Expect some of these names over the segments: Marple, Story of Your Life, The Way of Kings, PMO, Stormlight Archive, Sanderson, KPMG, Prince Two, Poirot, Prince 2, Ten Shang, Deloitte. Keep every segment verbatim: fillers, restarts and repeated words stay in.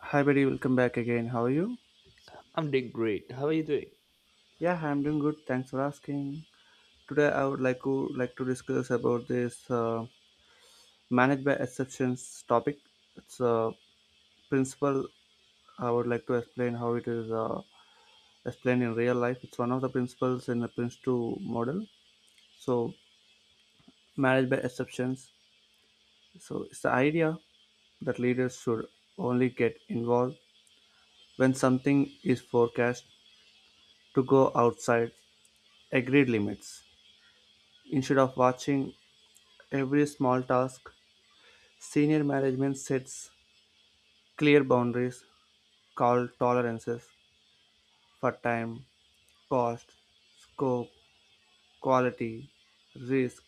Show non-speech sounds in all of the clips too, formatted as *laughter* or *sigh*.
Hi, buddy. Welcome back again. How are you? I'm doing great. How are you doing? Yeah, I'm doing good. Thanks for asking. Today, I would like to like to discuss about this uh, managed by exceptions topic. It's a principle. I would like to explain how it is uh, explained in real life. It's one of the principles in the Prince Two model. So, managed by exceptions. So, it's the idea that leaders should only get involved when something is forecast to go outside agreed limits instead of watching every small task. Senior management sets clear boundaries called tolerances for time, cost, scope, quality, risk,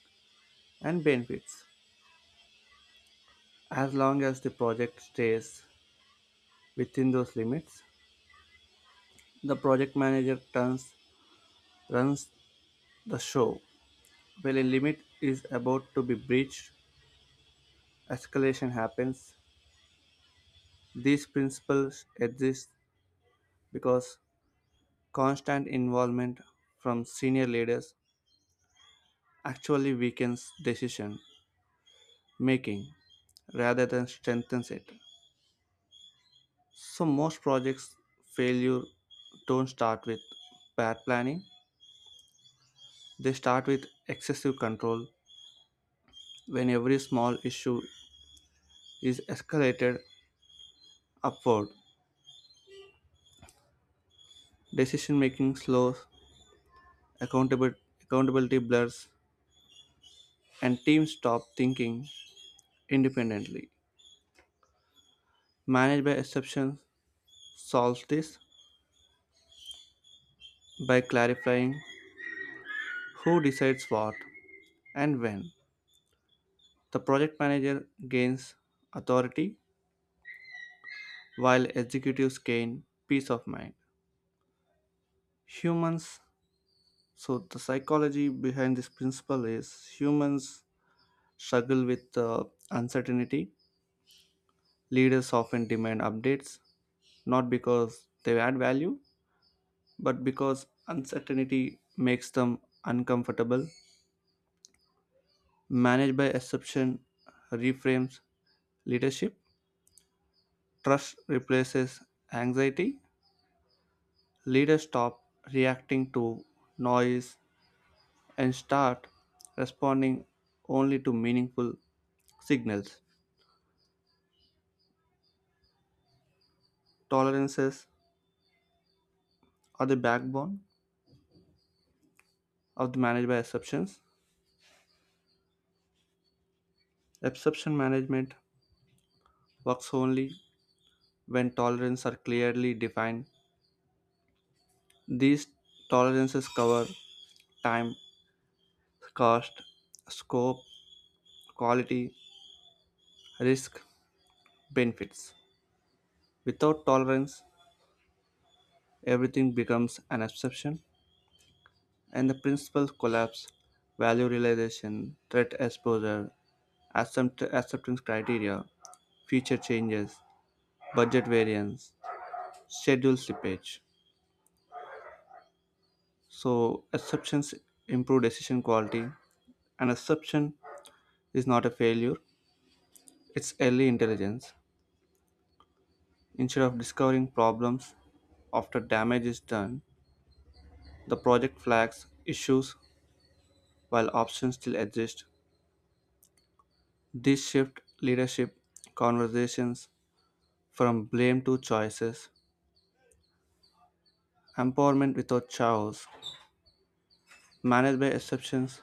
and benefits. As long as the project stays within those limits, the project manager turns, runs the show. When a limit is about to be breached, escalation happens. These principles exist because constant involvement from senior leaders actually weakens decision making rather than strengthens it. So, most projects' failure don't start with bad planning, they start with excessive control. When every small issue is escalated upward, decision making slows, accountability, accountability blurs, and teams stop thinking independently. Managed by exceptions solves this by clarifying who decides what and when. The project manager gains authority while executives gain peace of mind. Humans, so the psychology behind this principle is humans struggle with uh, uncertainty. Leaders often demand updates not because they add value, but because uncertainty makes them uncomfortable. Managed by exception reframes leadership. Trust replaces anxiety. Leaders stop reacting to noise and start responding only to meaningful signals. Tolerances are the backbone of the managed by exceptions. Exception management works only when tolerances are clearly defined. These tolerances cover time, cost, scope, quality, risk, benefits. Without tolerance, everything becomes an exception, and the principles collapse: value realization, threat exposure, accept- acceptance criteria, feature changes, budget variance, schedule slippage. So, assumptions improve decision quality. An assumption is not a failure, it's early intelligence. Instead of discovering problems after damage is done, the project flags issues while options still exist. This shift leadership conversations from blame to choices, empowerment without chaos. Managed by exceptions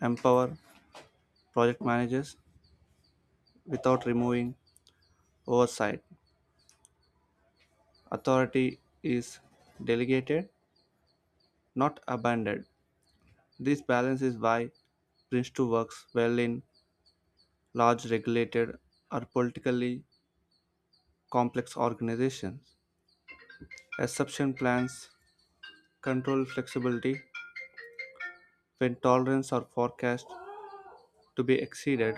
empower project managers without removing oversight. Authority is delegated, not abandoned. This balance is why Prince two works well in large regulated or politically complex organizations. Exception plans control flexibility when tolerance are forecast to be exceeded.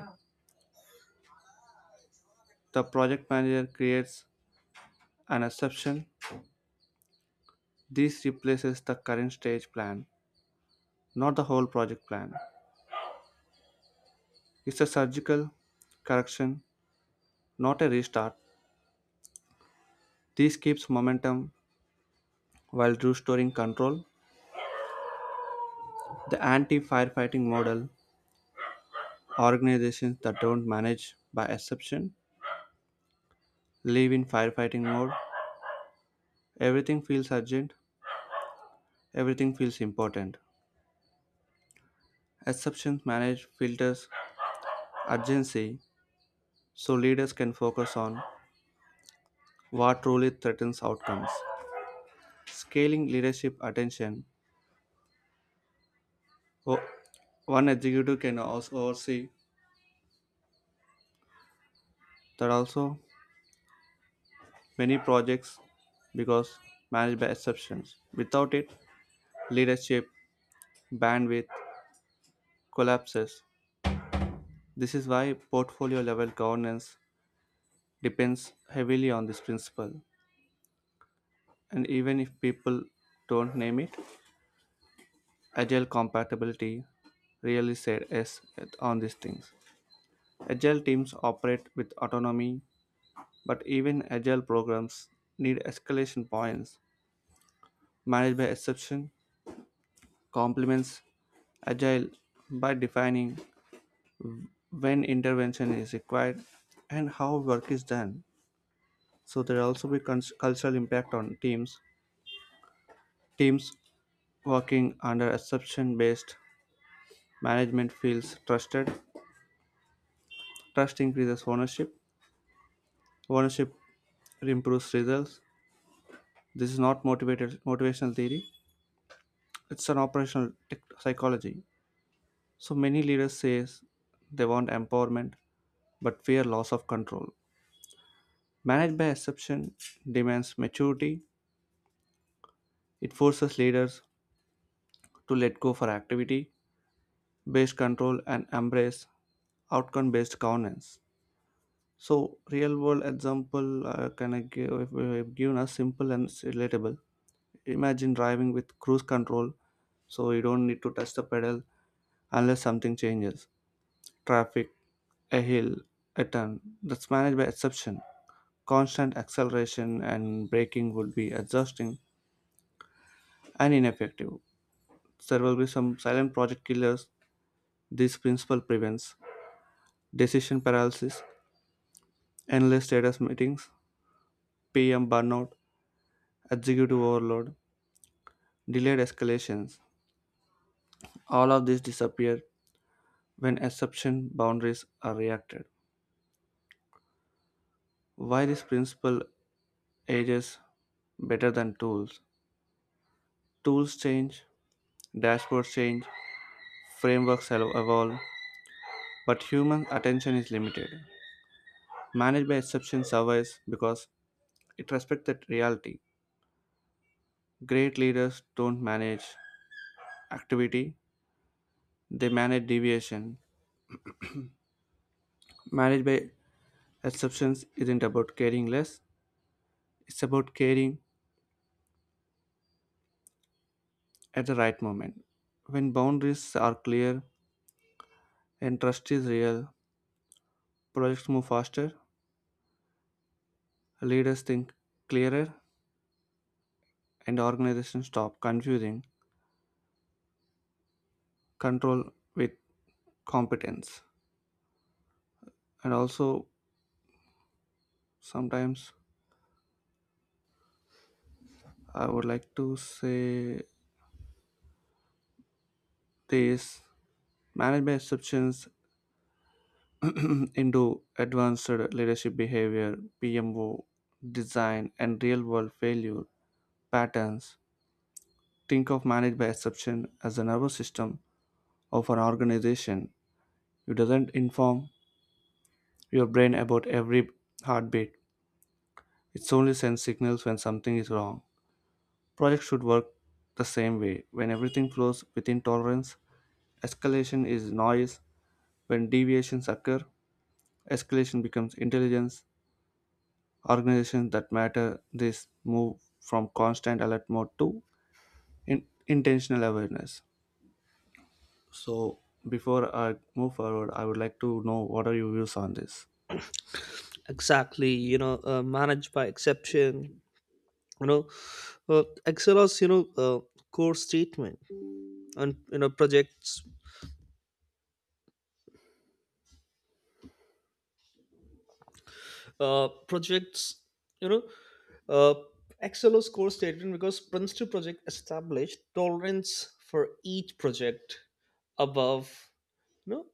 The project manager creates an exception. This replaces the current stage plan, not the whole project plan. It's a surgical correction, not a restart. This keeps momentum while restoring control. The anti firefighting model: organizations that don't manage by exception live in firefighting mode. Everything feels urgent, everything feels important. Exceptions manage filters urgency so leaders can focus on what truly threatens outcomes. Scaling leadership attention. O- One executive can also oversee that also many projects because managed by exceptions. Without it, leadership bandwidth collapses. This is why portfolio level governance depends heavily on this principle. And even if people don't name it, agile compatibility really said yes on these things. Agile teams operate with autonomy. But even agile programs need escalation points. Managed by exception complements agile by defining when intervention is required and how work is done. So there will also be cons- cultural impact on teams. Teams working under exception based management feels trusted. Trust increases ownership. Ownership improves results. This is not motivated motivational theory. It's an operational tech- psychology. So many leaders say they want empowerment but fear loss of control. Managed by exception demands maturity. It forces leaders to let go for activity based control and embrace outcome based governance. So, real world example, uh, can I give, uh, given us simple and s- relatable. Imagine driving with cruise control so you don't need to touch the pedal unless something changes. Traffic, a hill, a turn. That's managed by exception. Constant acceleration and braking would be exhausting and ineffective. There will be some silent project killers. This principle prevents decision paralysis, endless status meetings, P M burnout, executive overload, delayed escalations. All of these disappear when exception boundaries are reacted. Why this principle ages better than tools? Tools change, dashboards change, frameworks evolve, but human attention is limited. Managed by exception survives because it respects that reality. Great leaders don't manage activity, they manage deviation. Managed by exceptions isn't about caring less, it's about caring at the right moment. When boundaries are clear and trust is real, projects move faster, leaders think clearer, and organizations stop confusing control with competence. And also, sometimes I would like to say this. Management exceptions *clears throat* into advanced leadership behavior, P M O, design, and real world failure patterns. Think of managed by exception as the nervous system of an organization. It doesn't inform your brain about every heartbeat, it only sends signals when something is wrong. Projects should work the same way. When everything flows within tolerance, escalation is noise. When deviations occur, escalation becomes intelligence. Organizations that matter this move from constant alert mode to in- intentional awareness. So, before I move forward, I would like to know what are your views on this. Exactly. You know uh, managed by exception, you know uh, excelos, you know uh, core statement. And you know projects, uh, projects you know uh, excelos core statement, because Prince two project established tolerance for each project above, you know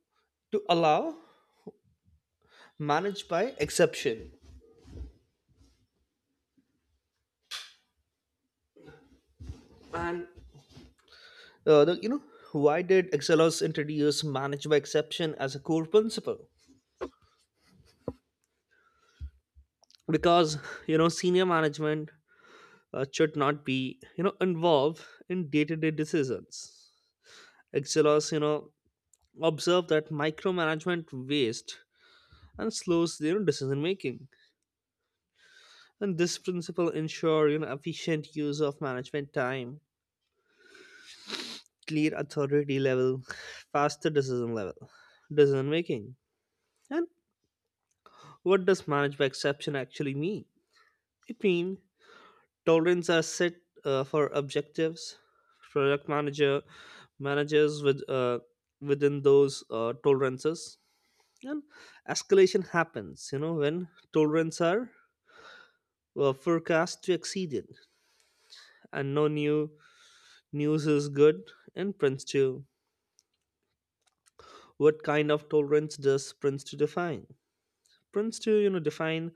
to allow managed by exception uh, the, you know Why did excelos introduce managed by exception as a core principle? Because you know senior management uh, should not be you know involved in day-to-day decisions. Excelos you know observe that micromanagement waste and slows you know decision making, and this principle ensure you know efficient use of management time, clear authority level, faster decision level decision making. And what does manage by exception actually mean? It means tolerance are set uh, for objectives. Product manager Managers with uh, within those uh, tolerances, and escalation happens. You know when tolerance are uh, forecast to exceeded, and no new news is good in Prince two. What kind of tolerance does Prince two define? Prince two, you know, define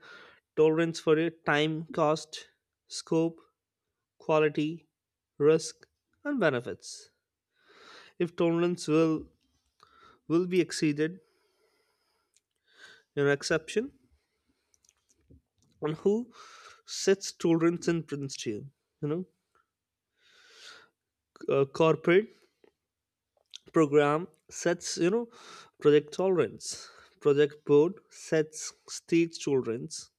tolerance for your time, cost, scope, quality, risk, and benefits. If tolerance will will be exceeded, you know exception. On who sets tolerance in principle? you know uh, Corporate program sets, you know project tolerance, project board sets stage tolerance,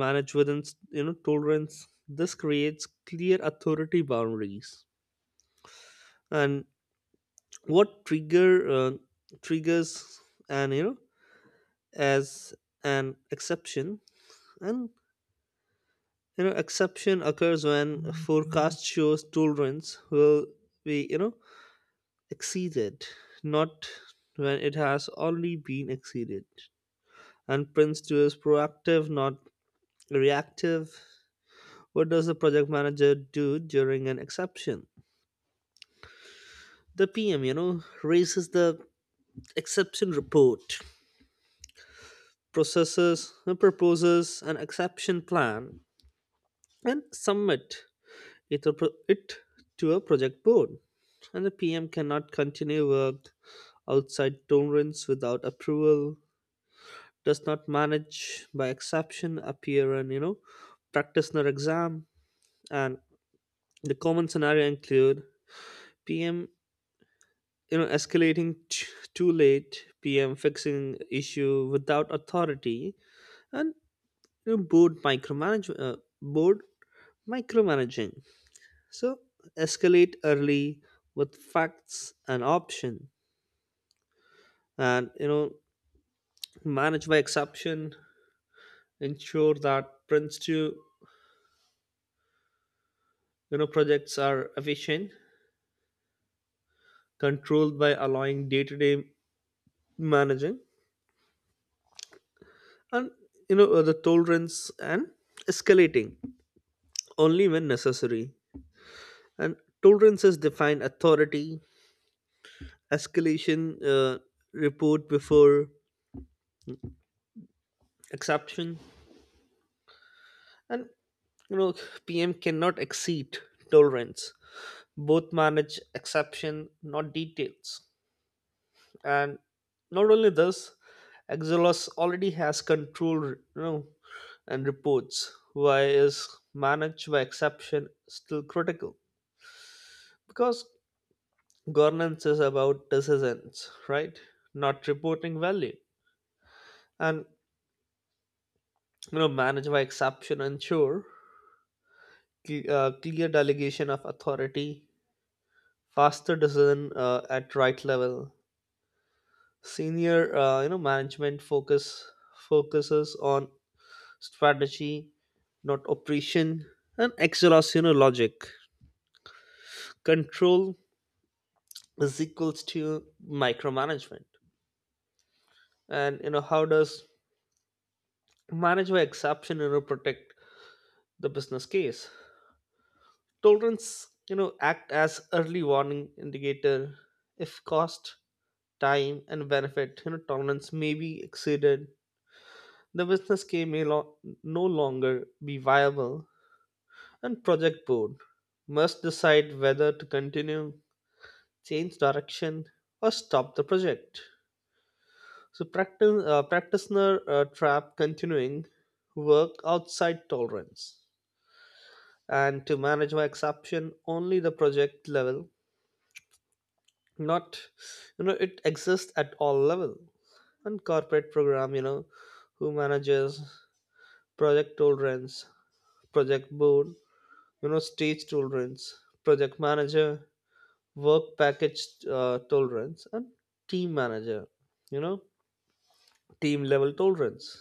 manage within, you know tolerance. This creates clear authority boundaries. And what trigger uh, triggers, and you know as an exception? And you know Exception occurs when forecast shows tolerance will be, you know exceeded, not when it has already been exceeded. And Prince two is proactive, not reactive. What does the project manager do during an exception? The PM you know raises the exception report, processes proposes an exception plan and submit it, a pro- it to a project board, and the P M cannot continue work outside tolerance without approval. Does not manage by exception appear and, you know practice their exam? And the common scenario include P M you know escalating t- too late, P M fixing issue without authority, and, you know, board micromanage uh, board micromanaging. So, escalate early with facts and option, and you know manage by exception ensure that Prince two you know projects are efficient, controlled by allowing day-to-day managing, and, you know uh, the tolerance, and escalating only when necessary. And tolerance is defined authority, escalation uh, report before exception, and you know PM cannot exceed tolerance, both manage exception not details. And not only this, Exelos already has control, you know and reports. Why is managed by exception still critical? Because governance is about decisions, right, not reporting value. And you know managed by exception ensure cle- uh, clear delegation of authority, faster decision uh, at right level, senior, uh, you know management focus focuses on strategy, not operation, and exhaustion logic. Control is equals to micromanagement. And, you know, how does manage by exception, you know, protect the business case? Tolerance, you know, act as early warning indicator if cost, time, and benefit, you know, tolerance may be exceeded. The business case may lo- no longer be viable, and project board must decide whether to continue, change direction, or stop the project. So, practi- uh, practitioner uh, trap: continuing work outside tolerance, and to manage my exception only the project level, not, you know it exists at all level. And corporate program, you know who manages project tolerance? Project board, you know stage tolerance, project manager work package uh, tolerance, and team manager, you know team level tolerance.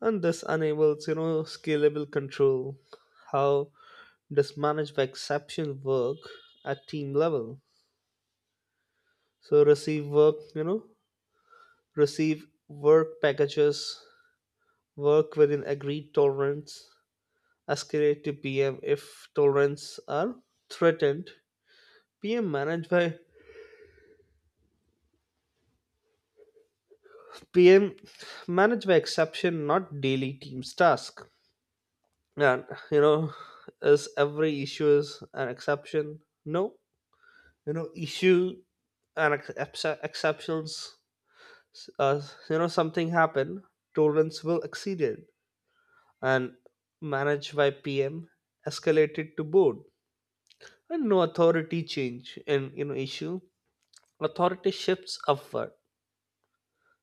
And this enables, you know scalable control. How does manage by exception work at team level? So, receive work you know receive work packages, work within agreed tolerance, escalate to PM if tolerance are threatened. Pm manage by pm manage by exception, not daily team's task. And, you know is every issue is an exception? No, you know issue and ex- ex- exceptions, uh, you know something happened, tolerance will exceeded, and managed by PM escalated to board. And no authority change in, you know issue, authority shifts upward.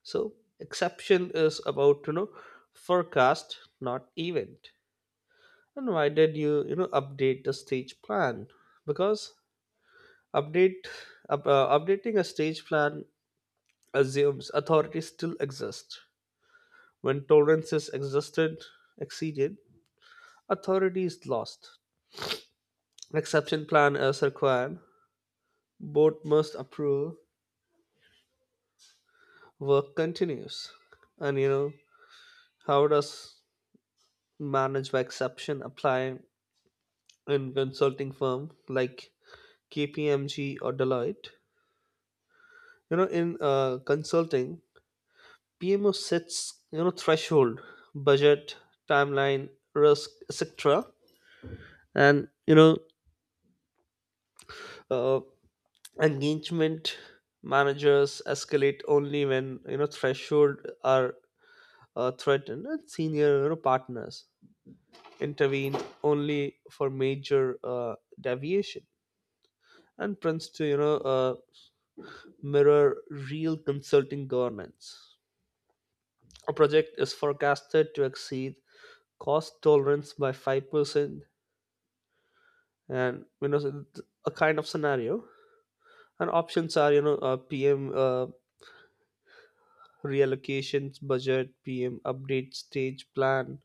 So exception is about, you know forecast, not event. And why did you, you know update the stage plan? Because update up, uh, updating a stage plan assumes authority still exists. When tolerance is existed, exceeded, authority is lost. An exception plan is required. Board must approve. Work continues. And, you know, how does manage by exception apply in consulting firm like K P M G or Deloitte? You know, in uh, consulting, P M O sets, you know threshold, budget, timeline, risk, et cetera. And, you know, uh, engagement managers escalate only when, you know threshold are uh, threatened, and senior, you know, partners intervene only for major uh, deviation. And prints to, you know uh, mirror real consulting governance. A project is forecasted to exceed cost tolerance by five percent, and, you know a kind of scenario. And options are, you know uh, pm uh, reallocations budget, PM update stage plan,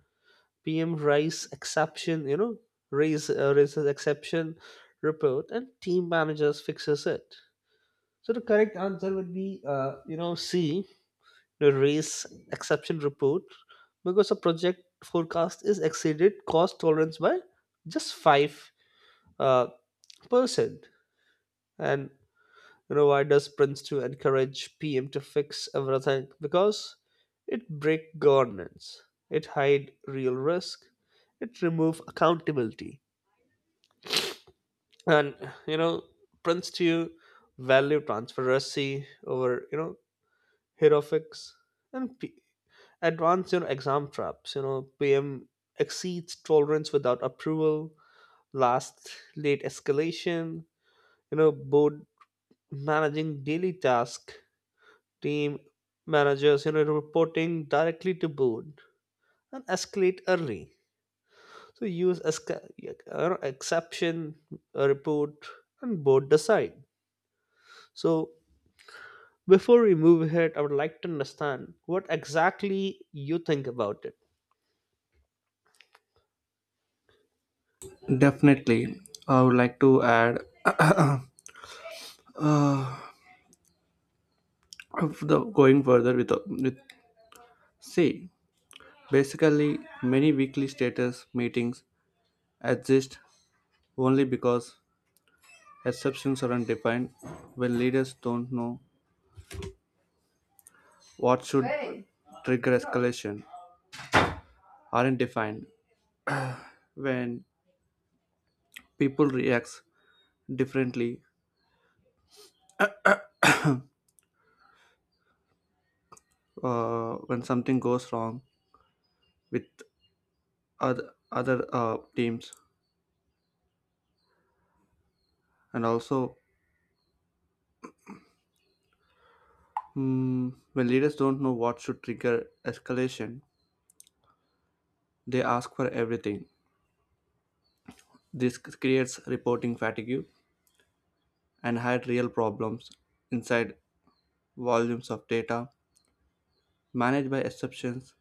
PM raise exception, you know raise uh, raises exception report, and team managers fixes it. So the correct answer would be, uh, you know C, the raise exception report, because a project forecast is exceeded cost tolerance by just five uh, percent. And, You know, why does Prince two encourage P M to fix everything? Because it break governance, it hide real risk, it remove accountability. And, you know, Prince two value transparency over, you know, heroics and P- advanced, you know, exam traps. You know, P M exceeds tolerance without approval, last late escalation, you know, board managing daily task, team managers you know reporting directly to board. And escalate early, so use esca- uh, exception uh, report and board decide. So before we move ahead, I would like to understand what exactly you think about it. Definitely, I would like to add *coughs* *clears throat* of the going further with with see. Basically, many weekly status meetings exist only because exceptions aren't defined when leaders don't know what should trigger escalation aren't defined when people reacts differently uh, when something goes wrong with other other uh, teams. And also, mm, when leaders don't know what should trigger escalation, they ask for everything. This c- creates reporting fatigue and hide real problems inside volumes of data. Managed by exceptions,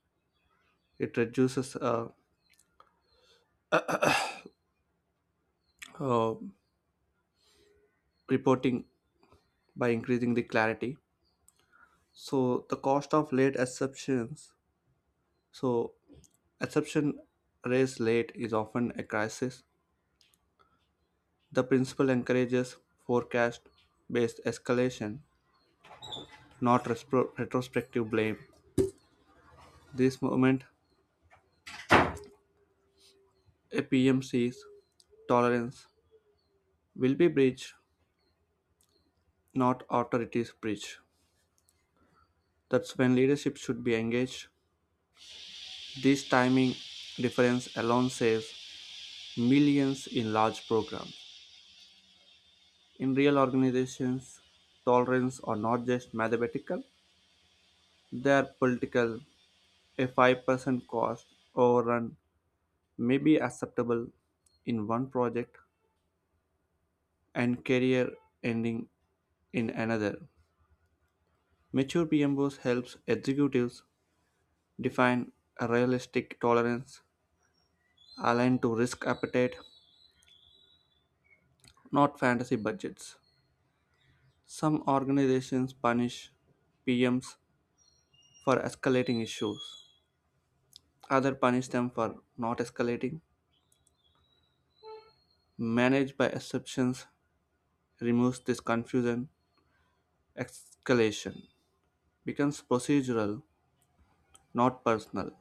it reduces uh, uh, reporting by increasing the clarity. So the cost of late exceptions. So acception raised late is often a crisis. The principle encourages forecast based escalation, not respro- retrospective blame. This moment, a P M C's tolerance will be breached, not authority's breach. That's when leadership should be engaged. This timing difference alone saves millions in large programs. In real organizations, tolerance are not just mathematical, they are political. A five percent cost overrun may be acceptable in one project and career ending in another. Mature P M B Os helps executives define a realistic tolerance aligned to risk appetite, not fantasy budgets. Some organizations punish P Ms for escalating issues. Others punish them for not escalating. Managed by exceptions removes this confusion. Escalation becomes procedural, not personal.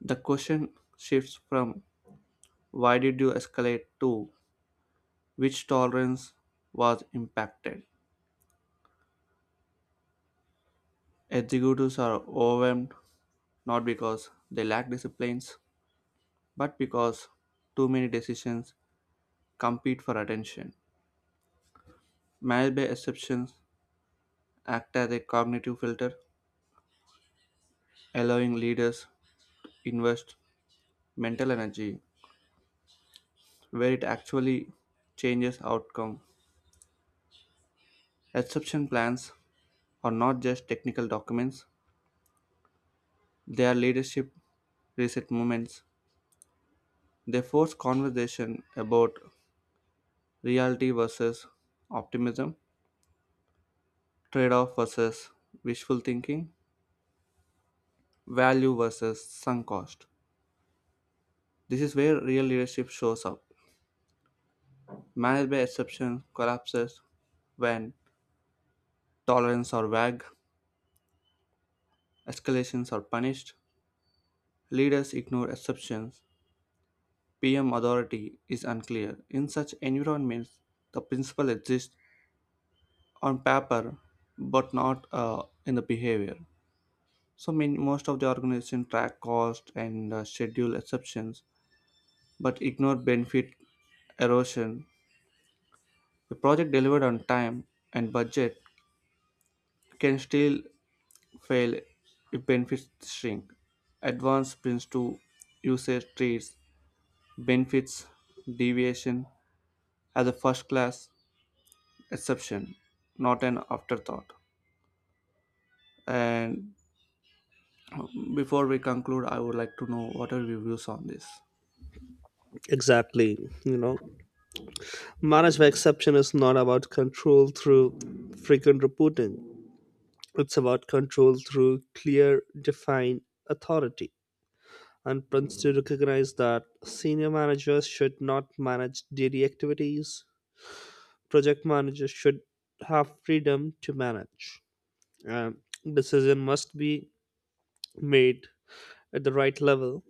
The question shifts from why did you escalate to which tolerance was impacted. Executives are overwhelmed not because they lack disciplines, but because too many decisions compete for attention. Marriage by exceptions act as a cognitive filter, allowing leaders invest mental energy where it actually changes outcome. Exception plans are not just technical documents, they are leadership reset moments. They force conversation about reality versus optimism, trade off versus wishful thinking, value versus sunk cost. This is where real leadership shows up. Managed by exception collapses when tolerance are vague, escalations are punished, leaders ignore exceptions, P M authority is unclear. In such environments, the principle exists on paper, but not uh, in the behavior. So, mean most of the organization track cost and uh, schedule exceptions, but ignore benefit erosion. A project delivered on time and budget can still fail if benefits shrink. Advanced sprints to usage treats benefits deviation as a first class exception, not an afterthought. And before we conclude, I would like to know what are your views on this. Exactly, you know manage by exception is not about control through frequent reporting. It's about control through clear defined authority. And Prince to recognize that senior managers should not manage daily activities. Project managers should have freedom to manage, and decision must be made at the right level.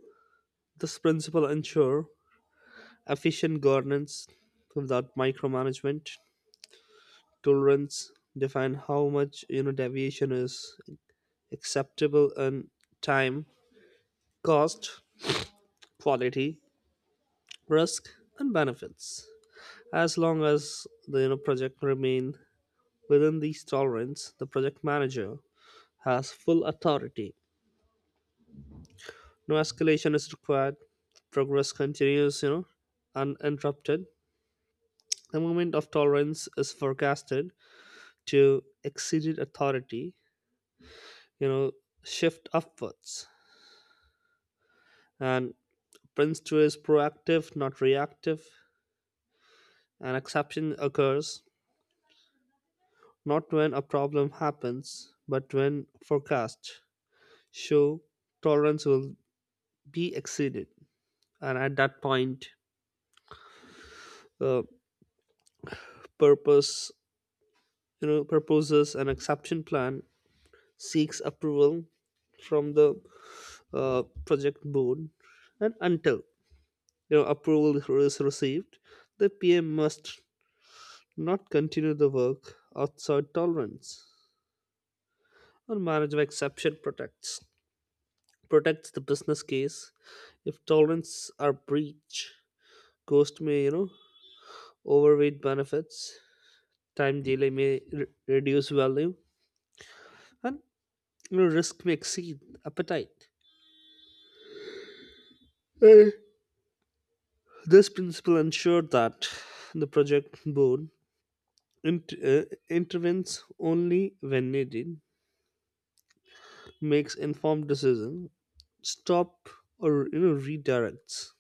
This principle ensure efficient governance without micromanagement. Tolerance define how much you know deviation is acceptable in time, cost, quality, risk, and benefits. As long as the, you know, project remain within these tolerance, the project manager has full authority. No escalation is required. Progress continues, you know, uninterrupted. The moment of tolerance is forecasted to exceeded authority, you know, shift upwards. And Prince two is proactive, not reactive. An exception occurs not when a problem happens, but when forecast. Show tolerance will be exceeded, and at that point, uh, purpose, you know proposes an exception plan, seeks approval from the uh, project board. And until, you know approval is received, the PM must not continue the work outside tolerance. Or marriage of exception protects protects the business case. If tolerance are breached, cost may, you know overweight benefits. Time delay may re- reduce value, and, you know, risk may exceed appetite. Eh. This principle ensured that the project board int- uh, intervenes only when needed, makes informed decisions, stop or, you know redirects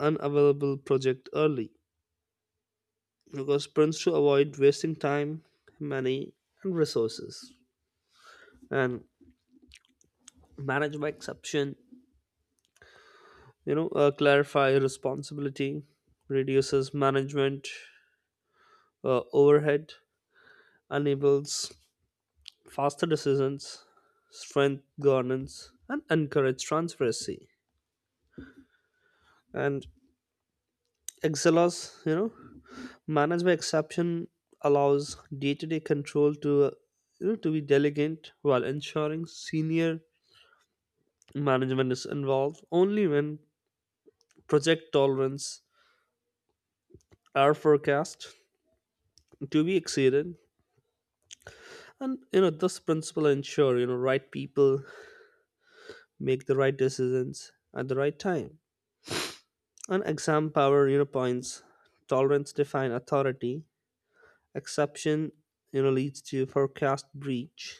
unavailable project early because plans to avoid wasting time, money, and resources. And manage by exception, you know uh, clarify responsibility, reduces management uh, overhead, enables faster decisions, strength governance, and encourage transparency. And excelos, you know manage by exception allows day-to-day control to, uh, you know to be delegate, while ensuring senior management is involved only when project tolerance are forecast to be exceeded. And, you know this principle ensure, you know right people make the right decisions at the right time. And exam power, you know points: tolerance define authority, exception, you know leads to forecast breach,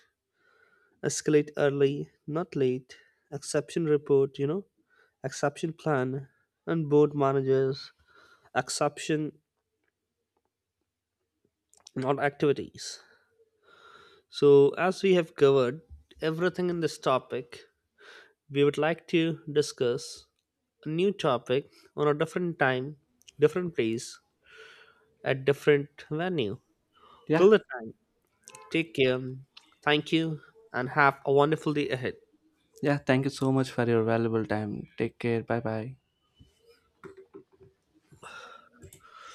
escalate early not late, exception report, you know exception plan, and board managers exception not activities. So, as we have covered everything in this topic, we would like to discuss a new topic on a different time, different place, at different venue. Yeah, Till the time, take care. Thank you and have a wonderful day ahead. yeah. Thank you so much for your valuable time. Take care. Bye bye.